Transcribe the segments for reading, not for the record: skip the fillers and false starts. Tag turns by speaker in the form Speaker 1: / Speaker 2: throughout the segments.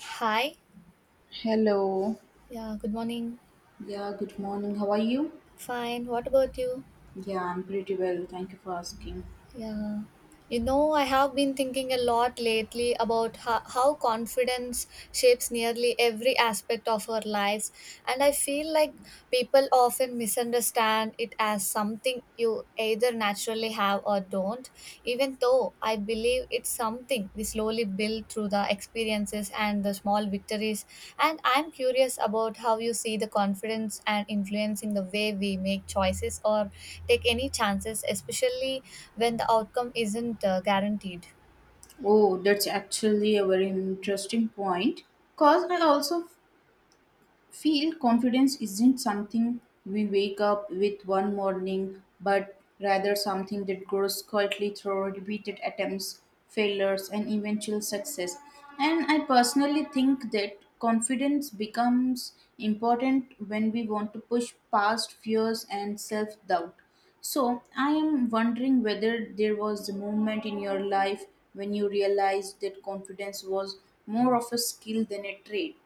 Speaker 1: Hi.
Speaker 2: Hello.
Speaker 1: Yeah, good morning.
Speaker 2: Yeah, good morning. How are you?
Speaker 1: Fine. What about you?
Speaker 2: Yeah, I'm pretty well. Thank you for asking.
Speaker 1: Yeah. I have been thinking a lot lately about how confidence shapes nearly every aspect of our lives. And I feel like people often misunderstand it as something you either naturally have or don't, even though I believe it's something we slowly build through the experiences and the small victories. And I'm curious about how you see the confidence and influencing the way we make choices or take any chances, especially when the outcome isn't guaranteed.
Speaker 2: Oh, that's actually a very interesting point. Because I also feel confidence isn't something we wake up with one morning, but rather something that grows quietly through repeated attempts, failures, and eventual success. And I personally think that confidence becomes important when we want to push past fears and self doubt. So, I am wondering whether there was a moment in your life when you realized that confidence was more of a skill than a trait.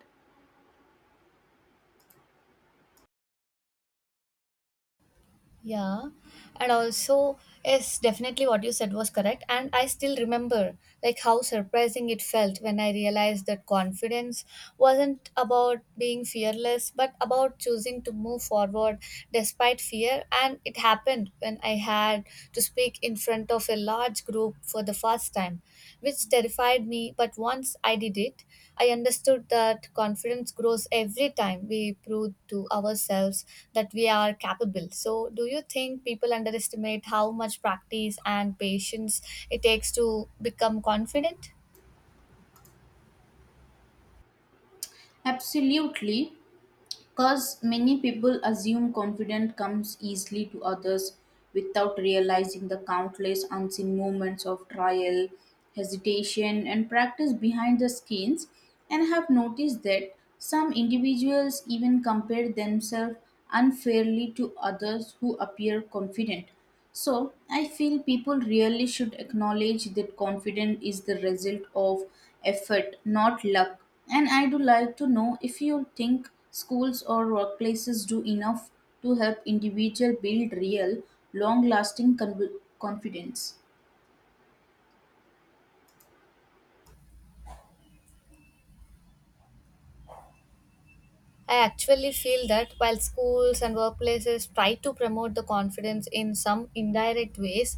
Speaker 1: Yeah, and also, yes, definitely what you said was correct. And I still remember like how surprising it felt when I realized that confidence wasn't about being fearless, but about choosing to move forward despite fear. And it happened when I had to speak in front of a large group for the first time, which terrified me. But once I did it, I understood that confidence grows every time we prove to ourselves that we are capable. So, do you think people underestimate how much practice and patience it takes to become confident?
Speaker 2: Absolutely. Because many people assume confidence comes easily to others without realizing the countless unseen moments of trial, hesitation, and practice behind the scenes, and have noticed that some individuals even compare themselves unfairly to others who appear confident, so I feel people really should acknowledge that confidence is the result of effort, not luck. And I do like to know if you think schools or workplaces do enough to help individual build real, long-lasting confidence.
Speaker 1: I actually feel that while schools and workplaces try to promote the confidence in some indirect ways,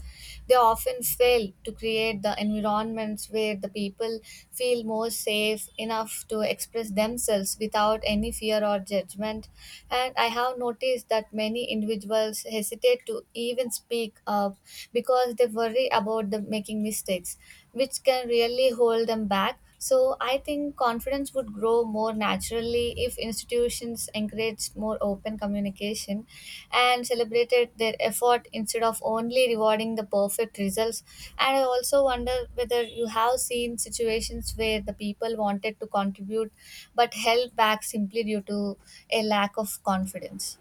Speaker 1: they often fail to create the environments where the people feel more safe enough to express themselves without any fear or judgment. And I have noticed that many individuals hesitate to even speak up because they worry about the making mistakes, which can really hold them back, so I think confidence would grow more naturally if institutions encouraged more open communication and celebrated their effort instead of only rewarding the perfect results. And I also wonder whether you have seen situations where the people wanted to contribute but held back simply due to a lack of confidence.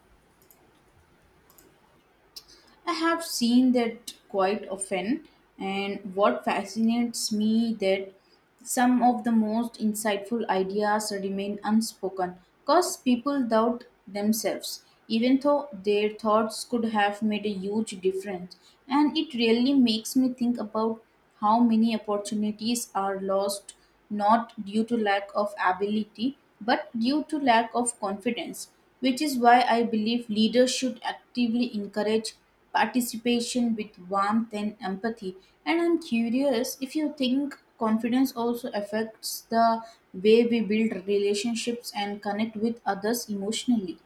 Speaker 2: I have seen that quite often, and what fascinates me that some of the most insightful ideas remain unspoken because people doubt themselves, even though their thoughts could have made a huge difference. And it really makes me think about how many opportunities are lost not due to lack of ability but due to lack of confidence, which is why I believe leaders should actively encourage participation with warmth and empathy. And I'm curious if you think confidence also affects the way we build relationships and connect with others emotionally.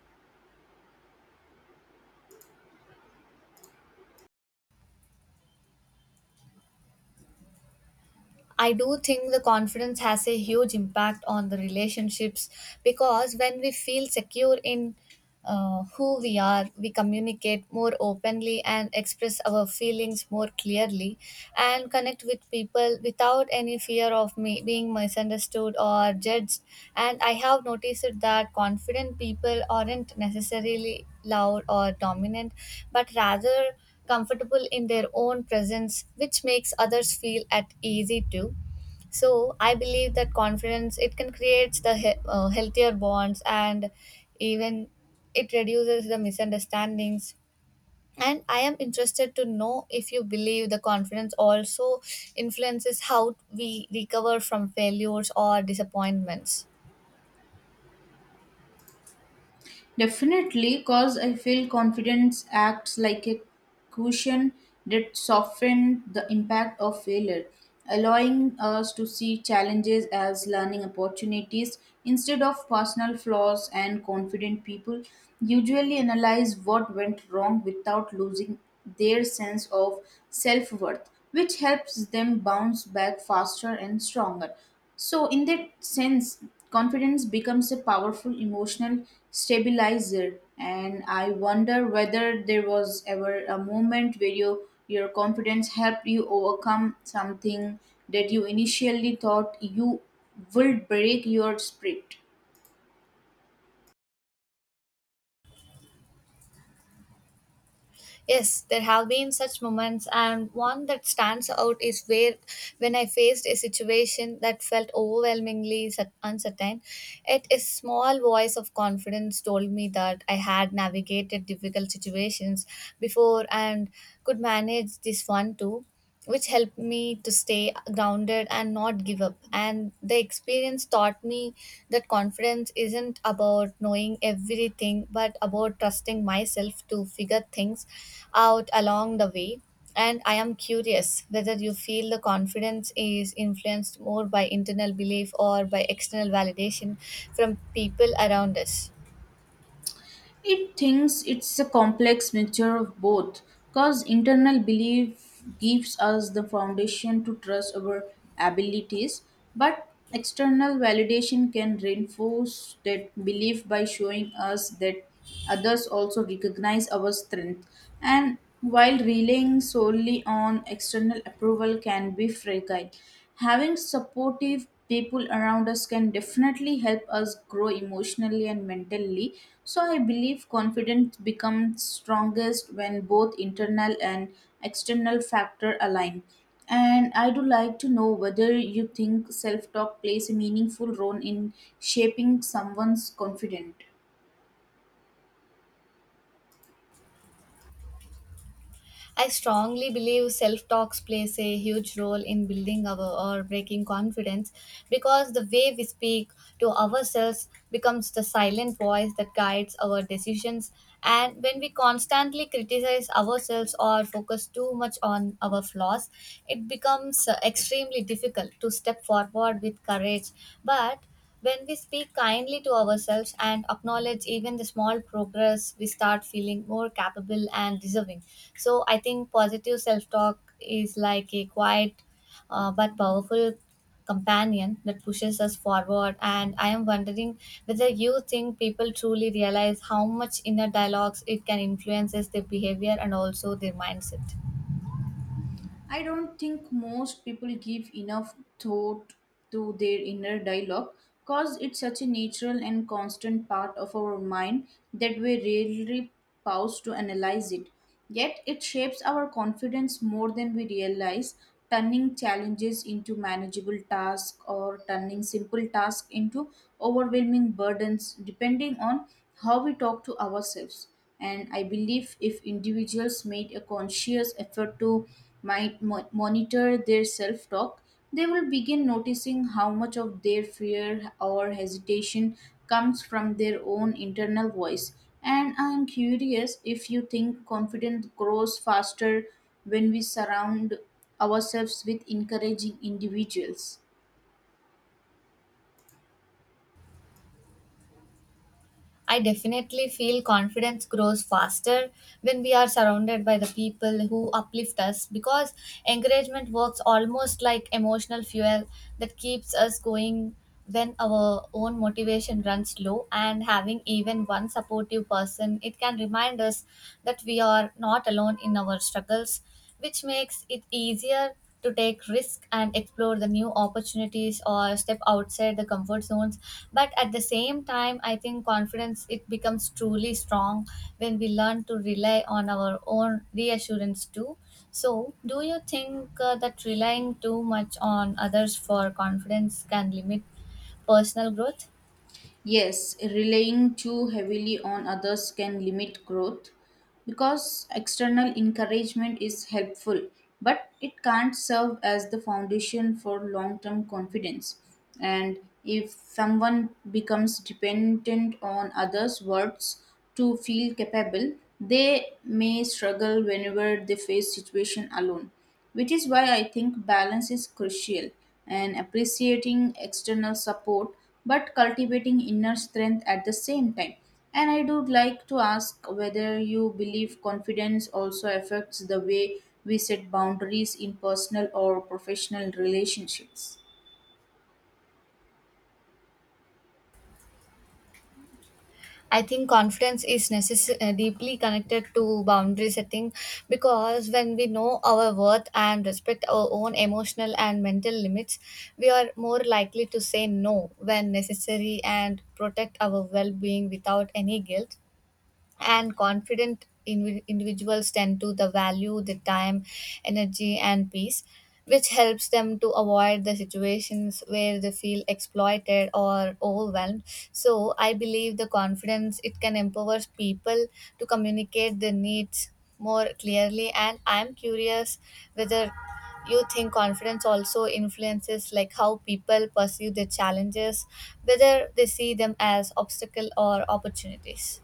Speaker 1: I do think the confidence has a huge impact on the relationships because when we feel secure in who we are, we communicate more openly and express our feelings more clearly, and connect with people without any fear of me being misunderstood or judged. And I have noticed that confident people aren't necessarily loud or dominant, but rather comfortable in their own presence, which makes others feel at easy too, so I believe that confidence it can create the healthier bonds and even it reduces the misunderstandings. And I am interested to know if you believe the confidence also influences how we recover from failures or disappointments.
Speaker 2: Definitely, because I feel confidence acts like a cushion that softens the impact of failure, allowing us to see challenges as learning opportunities instead of personal flaws. And confident people usually analyze what went wrong without losing their sense of self worth, which helps them bounce back faster and stronger. So, in that sense, confidence becomes a powerful emotional stabilizer. And I wonder whether there was ever a moment where you, your confidence helped you overcome something that you initially thought you would break your spirit.
Speaker 1: Yes, there have been such moments, and one that stands out is where when I faced a situation that felt overwhelmingly uncertain. Yet a small voice of confidence told me that I had navigated difficult situations before and could manage this one too, which helped me to stay grounded and not give up. And the experience taught me that confidence isn't about knowing everything, but about trusting myself to figure things out along the way. And I am curious whether you feel the confidence is influenced more by internal belief or by external validation from people around us.
Speaker 2: It thinks it's a complex mixture of both, because internal belief gives us the foundation to trust our abilities, but external validation can reinforce that belief by showing us that others also recognize our strength. And while relying solely on external approval can be fragile, having supportive people around us can definitely help us grow emotionally and mentally, so I believe confidence becomes strongest when both internal and external factor align. And I do like to know whether you think self talk plays a meaningful role in shaping someone's confidence.
Speaker 1: I strongly believe self talks plays a huge role in building our or breaking confidence because the way we speak to ourselves becomes the silent voice that guides our decisions, and when we constantly criticize ourselves or focus too much on our flaws, it becomes extremely difficult to step forward with courage. But when we speak kindly to ourselves and acknowledge even the small progress, we start feeling more capable and deserving. So, I think positive self talk is like a quiet but powerful companion that pushes us forward. And I am wondering whether you think people truly realize how much inner dialogues it can influences their behavior and also their mindset.
Speaker 2: I don't think most people give enough thought to their inner dialogue because it's such a natural and constant part of our mind that we rarely pause to analyze it. Yet it shapes our confidence more than we realize, turning challenges into manageable tasks or turning simple tasks into overwhelming burdens depending on how we talk to ourselves. And I believe if individuals made a conscious effort to monitor their self talk, they will begin noticing how much of their fear or hesitation comes from their own internal voice. And I'm curious if you think confidence grows faster when we surround ourselves with encouraging individuals.
Speaker 1: I definitely feel confidence grows faster when we are surrounded by the people who uplift us, because encouragement works almost like emotional fuel that keeps us going when our own motivation runs low, and having even one supportive person it can remind us that we are not alone in our struggles, which makes it easier to take risks and explore the new opportunities or step outside the comfort zones. But at the same time, I think confidence it becomes truly strong when we learn to rely on our own reassurance too. So do you think that relying too much on others for confidence can limit personal growth?
Speaker 2: Yes, relying too heavily on others can limit growth because external encouragement is helpful, but it can't serve as the foundation for long term confidence. And if someone becomes dependent on others' words to feel capable, they may struggle whenever they face situation alone, which is why I think balance is crucial and appreciating external support but cultivating inner strength at the same time. And I do like to ask whether you believe confidence also affects the way we set boundaries in personal or professional relationships.
Speaker 1: I think confidence is deeply connected to boundary setting because when we know our worth and respect our own emotional and mental limits, we are more likely to say no when necessary and protect our well being without any guilt, and confident individuals tend to the value the time, energy and peace, which helps them to avoid the situations where they feel exploited or overwhelmed. So I believe the confidence it can empower people to communicate their needs more clearly. And I'm curious whether you think confidence also influences like how people perceive their challenges, whether they see them as obstacle or opportunities.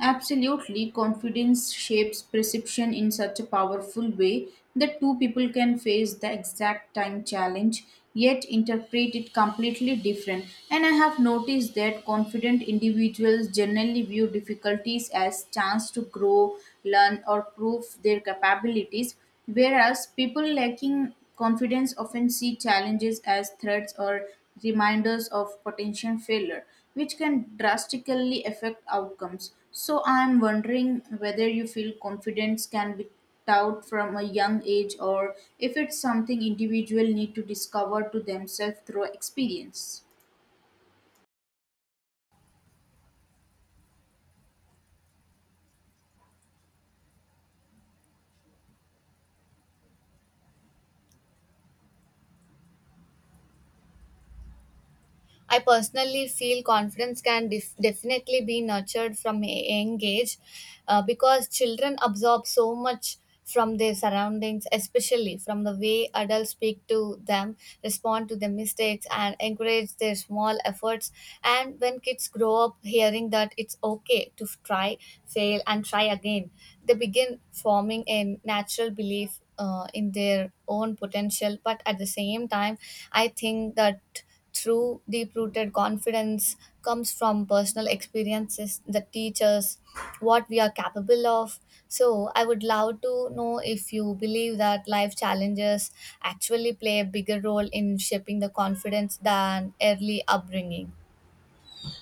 Speaker 2: Absolutely, confidence shapes perception in such a powerful way that two people can face the exact time challenge yet interpret it completely different. And I have noticed that confident individuals generally view difficulties as chance to grow, learn or prove their capabilities, whereas people lacking confidence often see challenges as threats or reminders of potential failure, which can drastically affect outcomes. So, I am wondering whether you feel confidence can be taught from a young age or if it's something individual need to discover to themselves through experience.
Speaker 1: I personally feel confidence can definitely be nurtured from a young age, because children absorb so much from their surroundings, especially from the way adults speak to them, respond to their mistakes, and encourage their small efforts. And when kids grow up hearing that it's okay to try, fail, and try again, they begin forming a natural belief in their own potential. But at the same time, I think that true, deep rooted confidence comes from personal experiences that teach us what we are capable of. So, I would love to know if you believe that life challenges actually play a bigger role in shaping the confidence than early upbringing.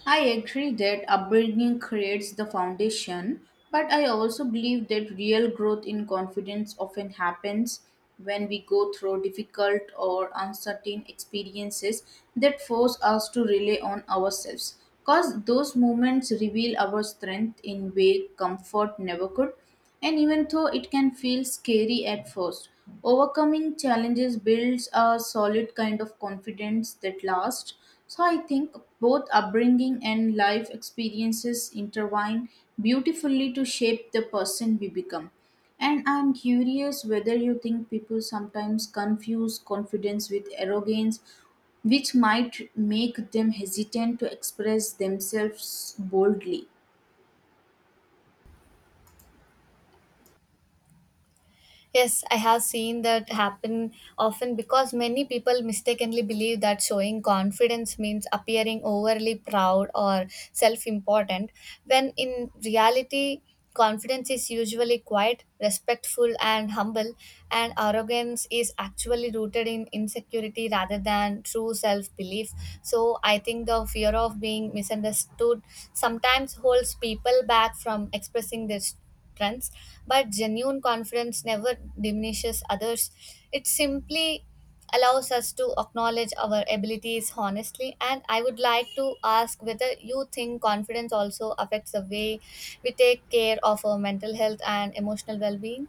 Speaker 2: I agree that upbringing creates the foundation, but I also believe that real growth in confidence often happens when we go through difficult or uncertain experiences that force us to rely on ourselves. Because those moments reveal our strength in way comfort never could. And even though it can feel scary at first, overcoming challenges builds a solid kind of confidence that lasts. So I think both upbringing and life experiences intertwine beautifully to shape the person we become. And I'm curious whether you think people sometimes confuse confidence with arrogance, which might make them hesitant to express themselves boldly.
Speaker 1: Yes, I have seen that happen often because many people mistakenly believe that showing confidence means appearing overly proud or self important, when in reality, confidence is usually quiet, respectful, and humble, and arrogance is actually rooted in insecurity rather than true self belief. So, I think the fear of being misunderstood sometimes holds people back from expressing their trends, but genuine confidence never diminishes others, it simply allows us to acknowledge our abilities honestly. And I would like to ask whether you think confidence also affects the way we take care of our mental health and emotional well-being.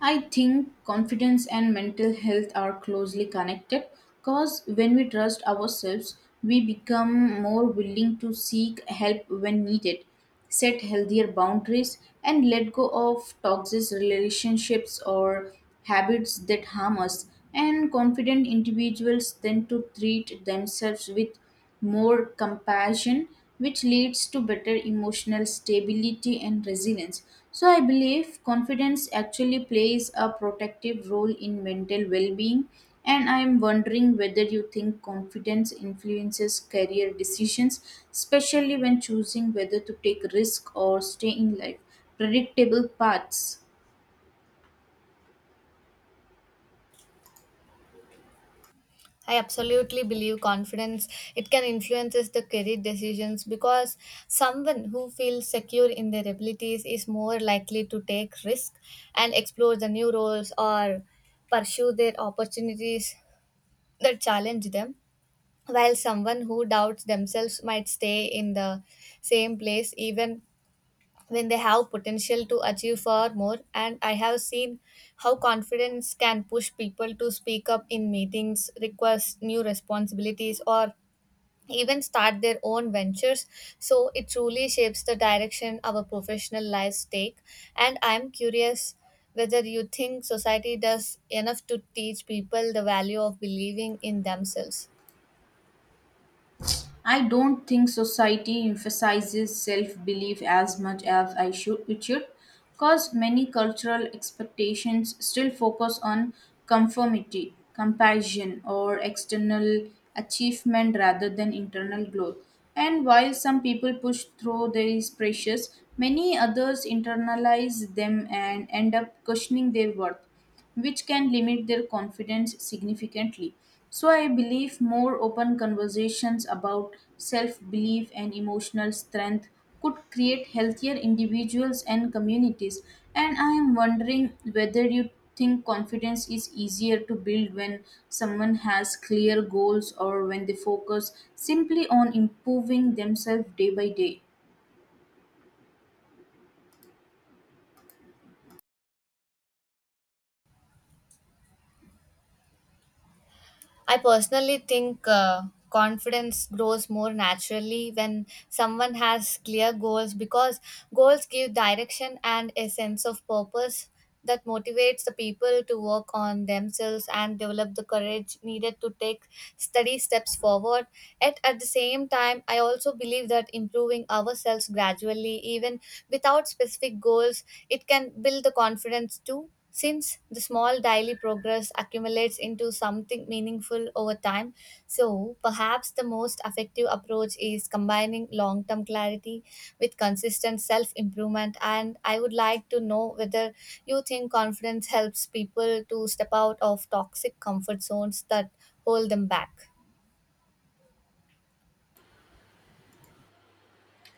Speaker 2: I think confidence and mental health are closely connected because when we trust ourselves, we become more willing to seek help when needed, set healthier boundaries, and let go of toxic relationships or habits that harm us. And confident individuals tend to treat themselves with more compassion, which leads to better emotional stability and resilience. So, I believe confidence actually plays a protective role in mental well being. And I am wondering whether you think confidence influences career decisions, especially when choosing whether to take risk or stay in life predictable paths.
Speaker 1: I absolutely believe confidence it can influences the career decisions because someone who feels secure in their abilities is more likely to take risk and explore the new roles or pursue their opportunities that challenge them, while someone who doubts themselves might stay in the same place even when they have potential to achieve far more. And I have seen how confidence can push people to speak up in meetings, request new responsibilities or even start their own ventures, so it truly shapes the direction our professional lives take. And I am curious whether you think society does enough to teach people the value of believing in themselves.
Speaker 2: I don't think society emphasizes self belief as much as I should it should, because many cultural expectations still focus on conformity, comparison, or external achievement rather than internal growth. And while some people push through these pressures, many others internalize them and end up questioning their worth, which can limit their confidence significantly. So, I believe more open conversations about self belief and emotional strength could create healthier individuals and communities. And I am wondering whether you think confidence is easier to build when someone has clear goals or when they focus simply on improving themselves day by day.
Speaker 1: I personally think confidence grows more naturally when someone has clear goals because goals give direction and a sense of purpose that motivates the people to work on themselves and develop the courage needed to take steady steps forward. Yet at the same time, I also believe that improving ourselves gradually, even without specific goals, it can build the confidence too, since the small daily progress accumulates into something meaningful over time. So perhaps the most effective approach is combining long term clarity with consistent self improvement. And I would like to know whether you think confidence helps people to step out of toxic comfort zones that hold them back.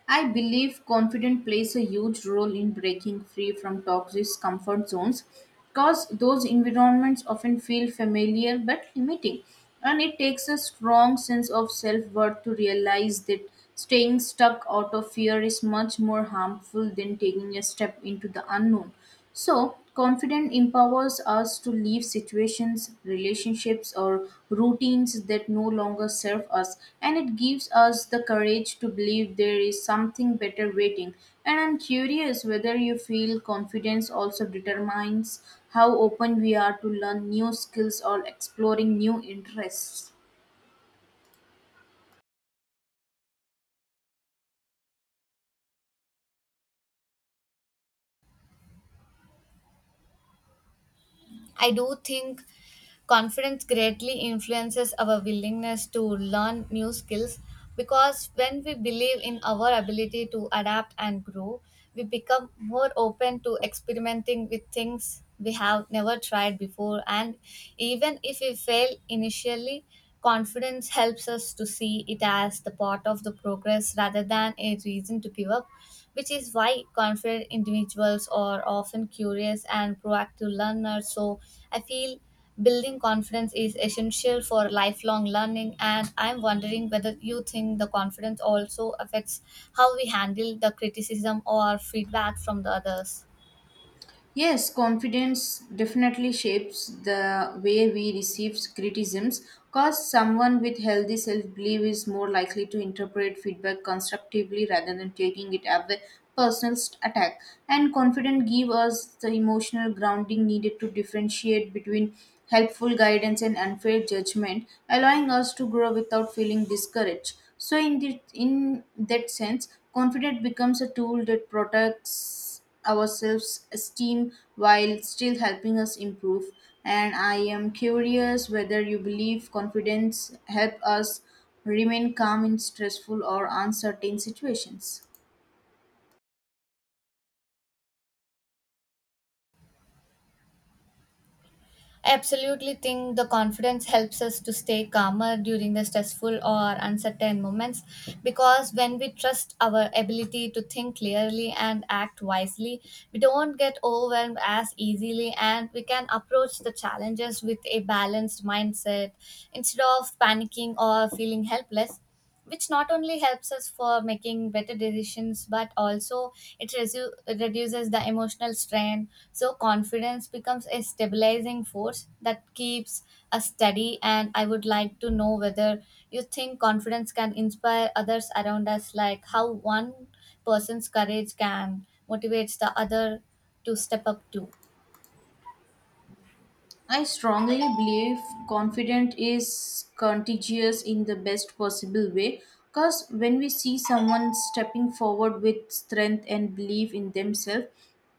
Speaker 2: I believe confidence plays a huge role in breaking free from toxic comfort zones because those environments often feel familiar but limiting. And it takes a strong sense of self worth to realize that staying stuck out of fear is much more harmful than taking a step into the unknown. So, confidence empowers us to leave situations, relationships, or routines that no longer serve us, and it gives us the courage to believe there is something better waiting. And I'm curious whether you feel confidence also determines how open we are to learn new skills or exploring new interests.
Speaker 1: I do think confidence greatly influences our willingness to learn new skills because when we believe in our ability to adapt and grow, we become more open to experimenting with things we have never tried before. And even if we fail initially, confidence helps us to see it as the part of the progress rather than a reason to give up, which is why confident individuals are often curious and proactive learners. So, I feel building confidence is essential for lifelong learning, and I'm wondering whether you think the confidence also affects how we handle the criticism or feedback from the others.
Speaker 2: Yes, confidence definitely shapes the way we receive criticisms because someone with healthy self belief is more likely to interpret feedback constructively rather than taking it as a personal attack. And confidence gives us the emotional grounding needed to differentiate between helpful guidance and unfair judgment, allowing us to grow without feeling discouraged. So, in that sense, confidence becomes a tool that protects us our self-esteem while still helping us improve. And I am curious whether you believe confidence help us remain calm in stressful or uncertain situations.
Speaker 1: I absolutely think the confidence helps us to stay calmer during the stressful or uncertain moments because when we trust our ability to think clearly and act wisely, we don't get overwhelmed as easily and we can approach the challenges with a balanced mindset instead of panicking or feeling helpless, which not only helps us for making better decisions but also it reduces the emotional strain. So confidence becomes a stabilizing force that keeps us steady. And I would like to know whether you think confidence can inspire others around us, like how one person's courage can motivates the other to step up too.
Speaker 2: I strongly believe confidence is contagious in the best possible way because when we see someone stepping forward with strength and belief in themselves,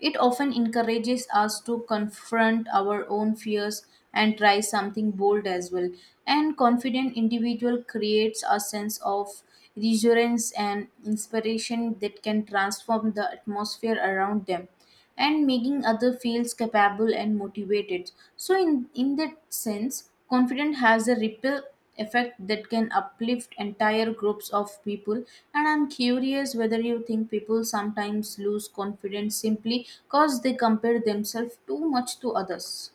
Speaker 2: it often encourages us to confront our own fears and try something bold as well. And confident individual creates a sense of reassurance and inspiration that can transform the atmosphere around them and making other feels capable and motivated. So in that sense, confidence has a ripple effect that can uplift entire groups of people. And I'm curious whether you think people sometimes lose confidence simply because they compare themselves too much to others.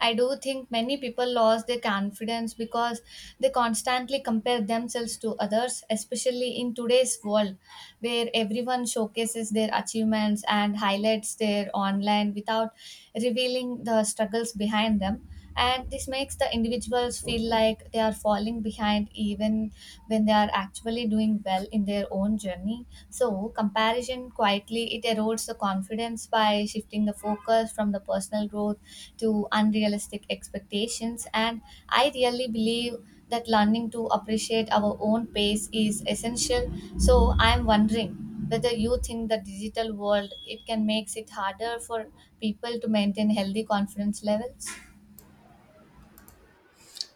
Speaker 1: I do think many people lost their confidence because they constantly compare themselves to others, especially in today's world where everyone showcases their achievements and highlights their online without revealing the struggles behind them. And this makes the individuals feel like they are falling behind even when they are actually doing well in their own journey, so comparison quietly it erodes the confidence by shifting the focus from the personal growth to unrealistic expectations. And I really believe that learning to appreciate our own pace is essential. So I am wondering whether you think the digital world it can makes it harder for people to maintain healthy confidence levels.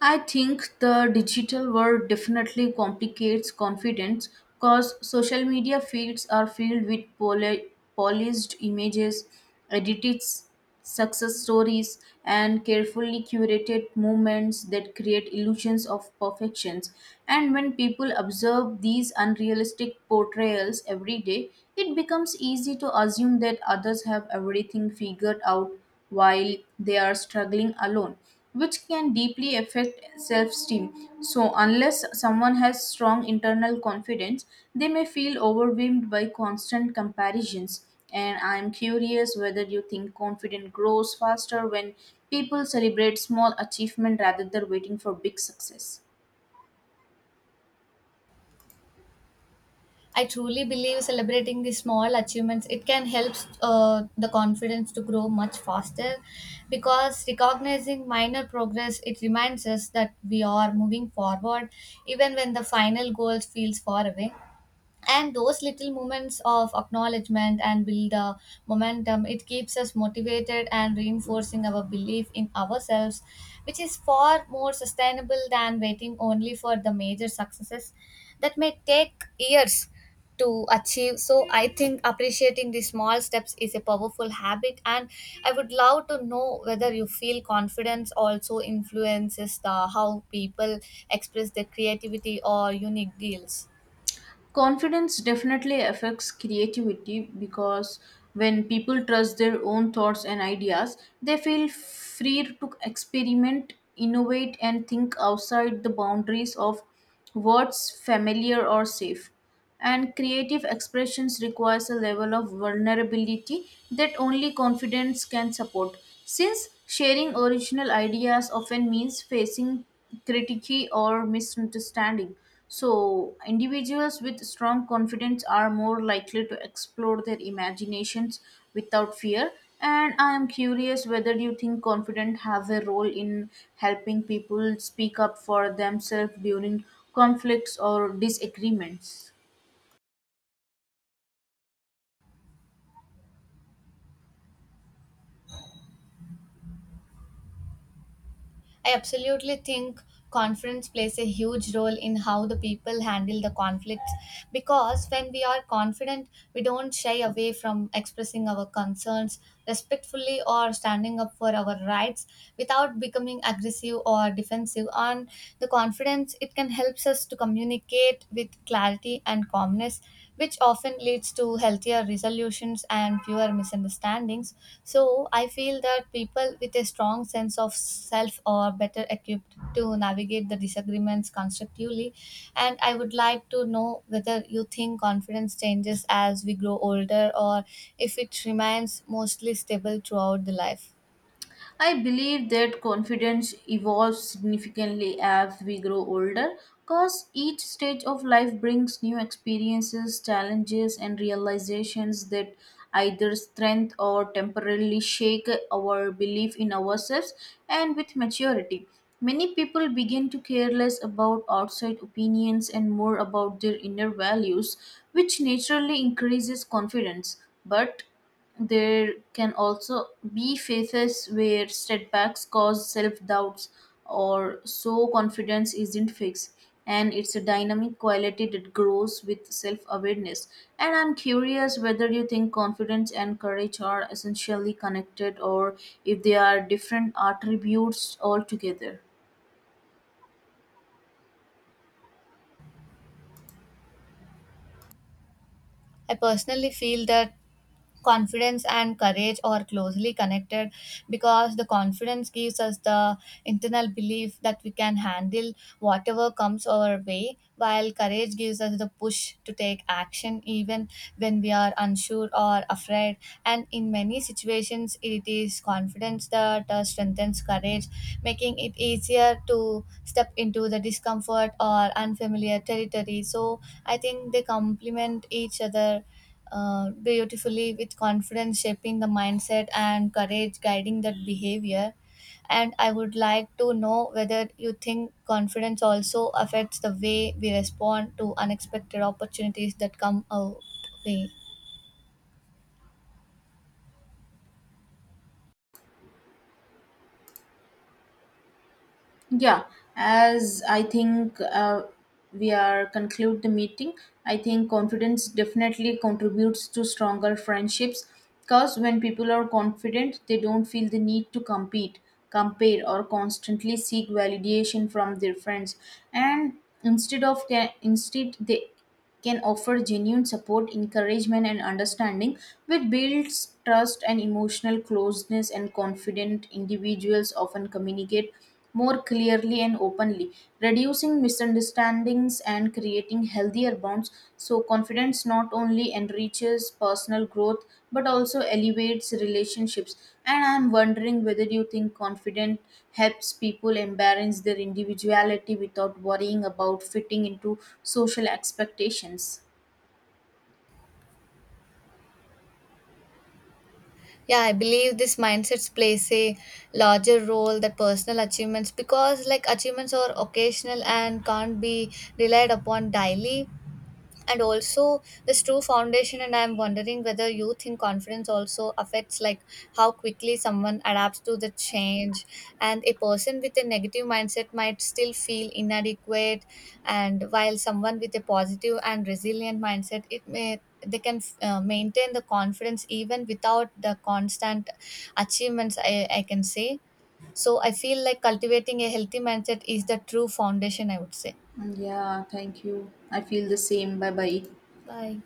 Speaker 2: I think the digital world definitely complicates confidence because social media feeds are filled with polished images, edited s- success stories, and carefully curated movements that create illusions of perfections. And when people observe these unrealistic portrayals every day, it becomes easy to assume that others have everything figured out while they are struggling alone, which can deeply affect self esteem. So, unless someone has strong internal confidence, they may feel overwhelmed by constant comparisons. And I am curious whether you think confidence grows faster when people celebrate small achievement rather than waiting for big success.
Speaker 1: I truly believe celebrating the small achievements it can help the confidence to grow much faster because recognizing minor progress it reminds us that we are moving forward even when the final goal feels far away, and those little moments of acknowledgement and build the momentum it keeps us motivated and reinforcing our belief in ourselves, which is far more sustainable than waiting only for the major successes that may take years to achieve. So I think appreciating the small steps is a powerful habit. And I would love to know whether you feel confidence also influences the how people express their creativity or unique deals.
Speaker 2: Confidence definitely affects creativity because when people trust their own thoughts and ideas, they feel free to experiment, innovate, and think outside the boundaries of what's familiar or safe. And creative expressions requires a level of vulnerability that only confidence can support, since sharing original ideas often means facing critique or misunderstanding. So individuals with strong confidence are more likely to explore their imaginations without fear. And I am curious whether you think confidence have a role in helping people speak up for themselves during conflicts or disagreements.
Speaker 1: I absolutely think conference plays a huge role in how the people handle the conflicts because when we are confident, we don't shy away from expressing our concerns respectfully or standing up for our rights without becoming aggressive or defensive. And the confidence it can help us to communicate with clarity and calmness awareness, which often leads to healthier resolutions and fewer misunderstandings. So, I feel that people with a strong sense of self are better equipped to navigate the disagreements constructively. And I would like to know whether you think confidence changes as we grow older or if it remains mostly stable throughout the life.
Speaker 2: I believe that confidence evolves significantly as we grow older because each stage of life brings new experiences, challenges, and realizations that either strengthen or temporarily shake our belief in ourselves. And with maturity, many people begin to care less about outside opinions and more about their inner values, which naturally increases confidence. But there can also be phases where setbacks cause self doubts or so confidence isn't fixed. And it's a dynamic quality that grows with self awareness. And I'm curious whether you think confidence and courage are essentially connected or if they are different attributes altogether.
Speaker 1: I personally feel that confidence and courage are closely connected because the confidence gives us the internal belief that we can handle whatever comes our way, while courage gives us the push to take action even when we are unsure or afraid. And in many situations, it is confidence that strengthens courage, making it easier to step into the discomfort or unfamiliar territory. So, I think they complement each other beautifully, with confidence shaping the mindset and courage guiding that behavior. And I would like to know whether you think confidence also affects the way we respond to unexpected opportunities that come our way.
Speaker 2: Yeah, as I think we are conclude the meeting, I think confidence definitely contributes to stronger friendships because when people are confident, they don't feel the need to compete, compare, or constantly seek validation from their friends, and instead they can offer genuine support, encouragement, and understanding, which builds trust and emotional closeness. And confident individuals often communicate more clearly and openly, reducing misunderstandings and creating healthier bonds. So, confidence not only enriches personal growth but also elevates relationships. And I'm wondering whether you think confidence helps people embrace their individuality without worrying about fitting into social expectations.
Speaker 1: Yeah, I believe this mindsets plays a larger role than personal achievements because like achievements are occasional and can't be relied upon daily and also this true foundation. And I'm wondering whether youth in confidence also affects like how quickly someone adapts to the change, and a person with a negative mindset might still feel inadequate, and while someone with a positive and resilient mindset it may they can maintain the confidence even without the constant achievements, I can say. So I feel like cultivating a healthy mindset is the true foundation, I would say.
Speaker 2: Yeah, thank you. I feel the same. Bye bye.
Speaker 1: Bye.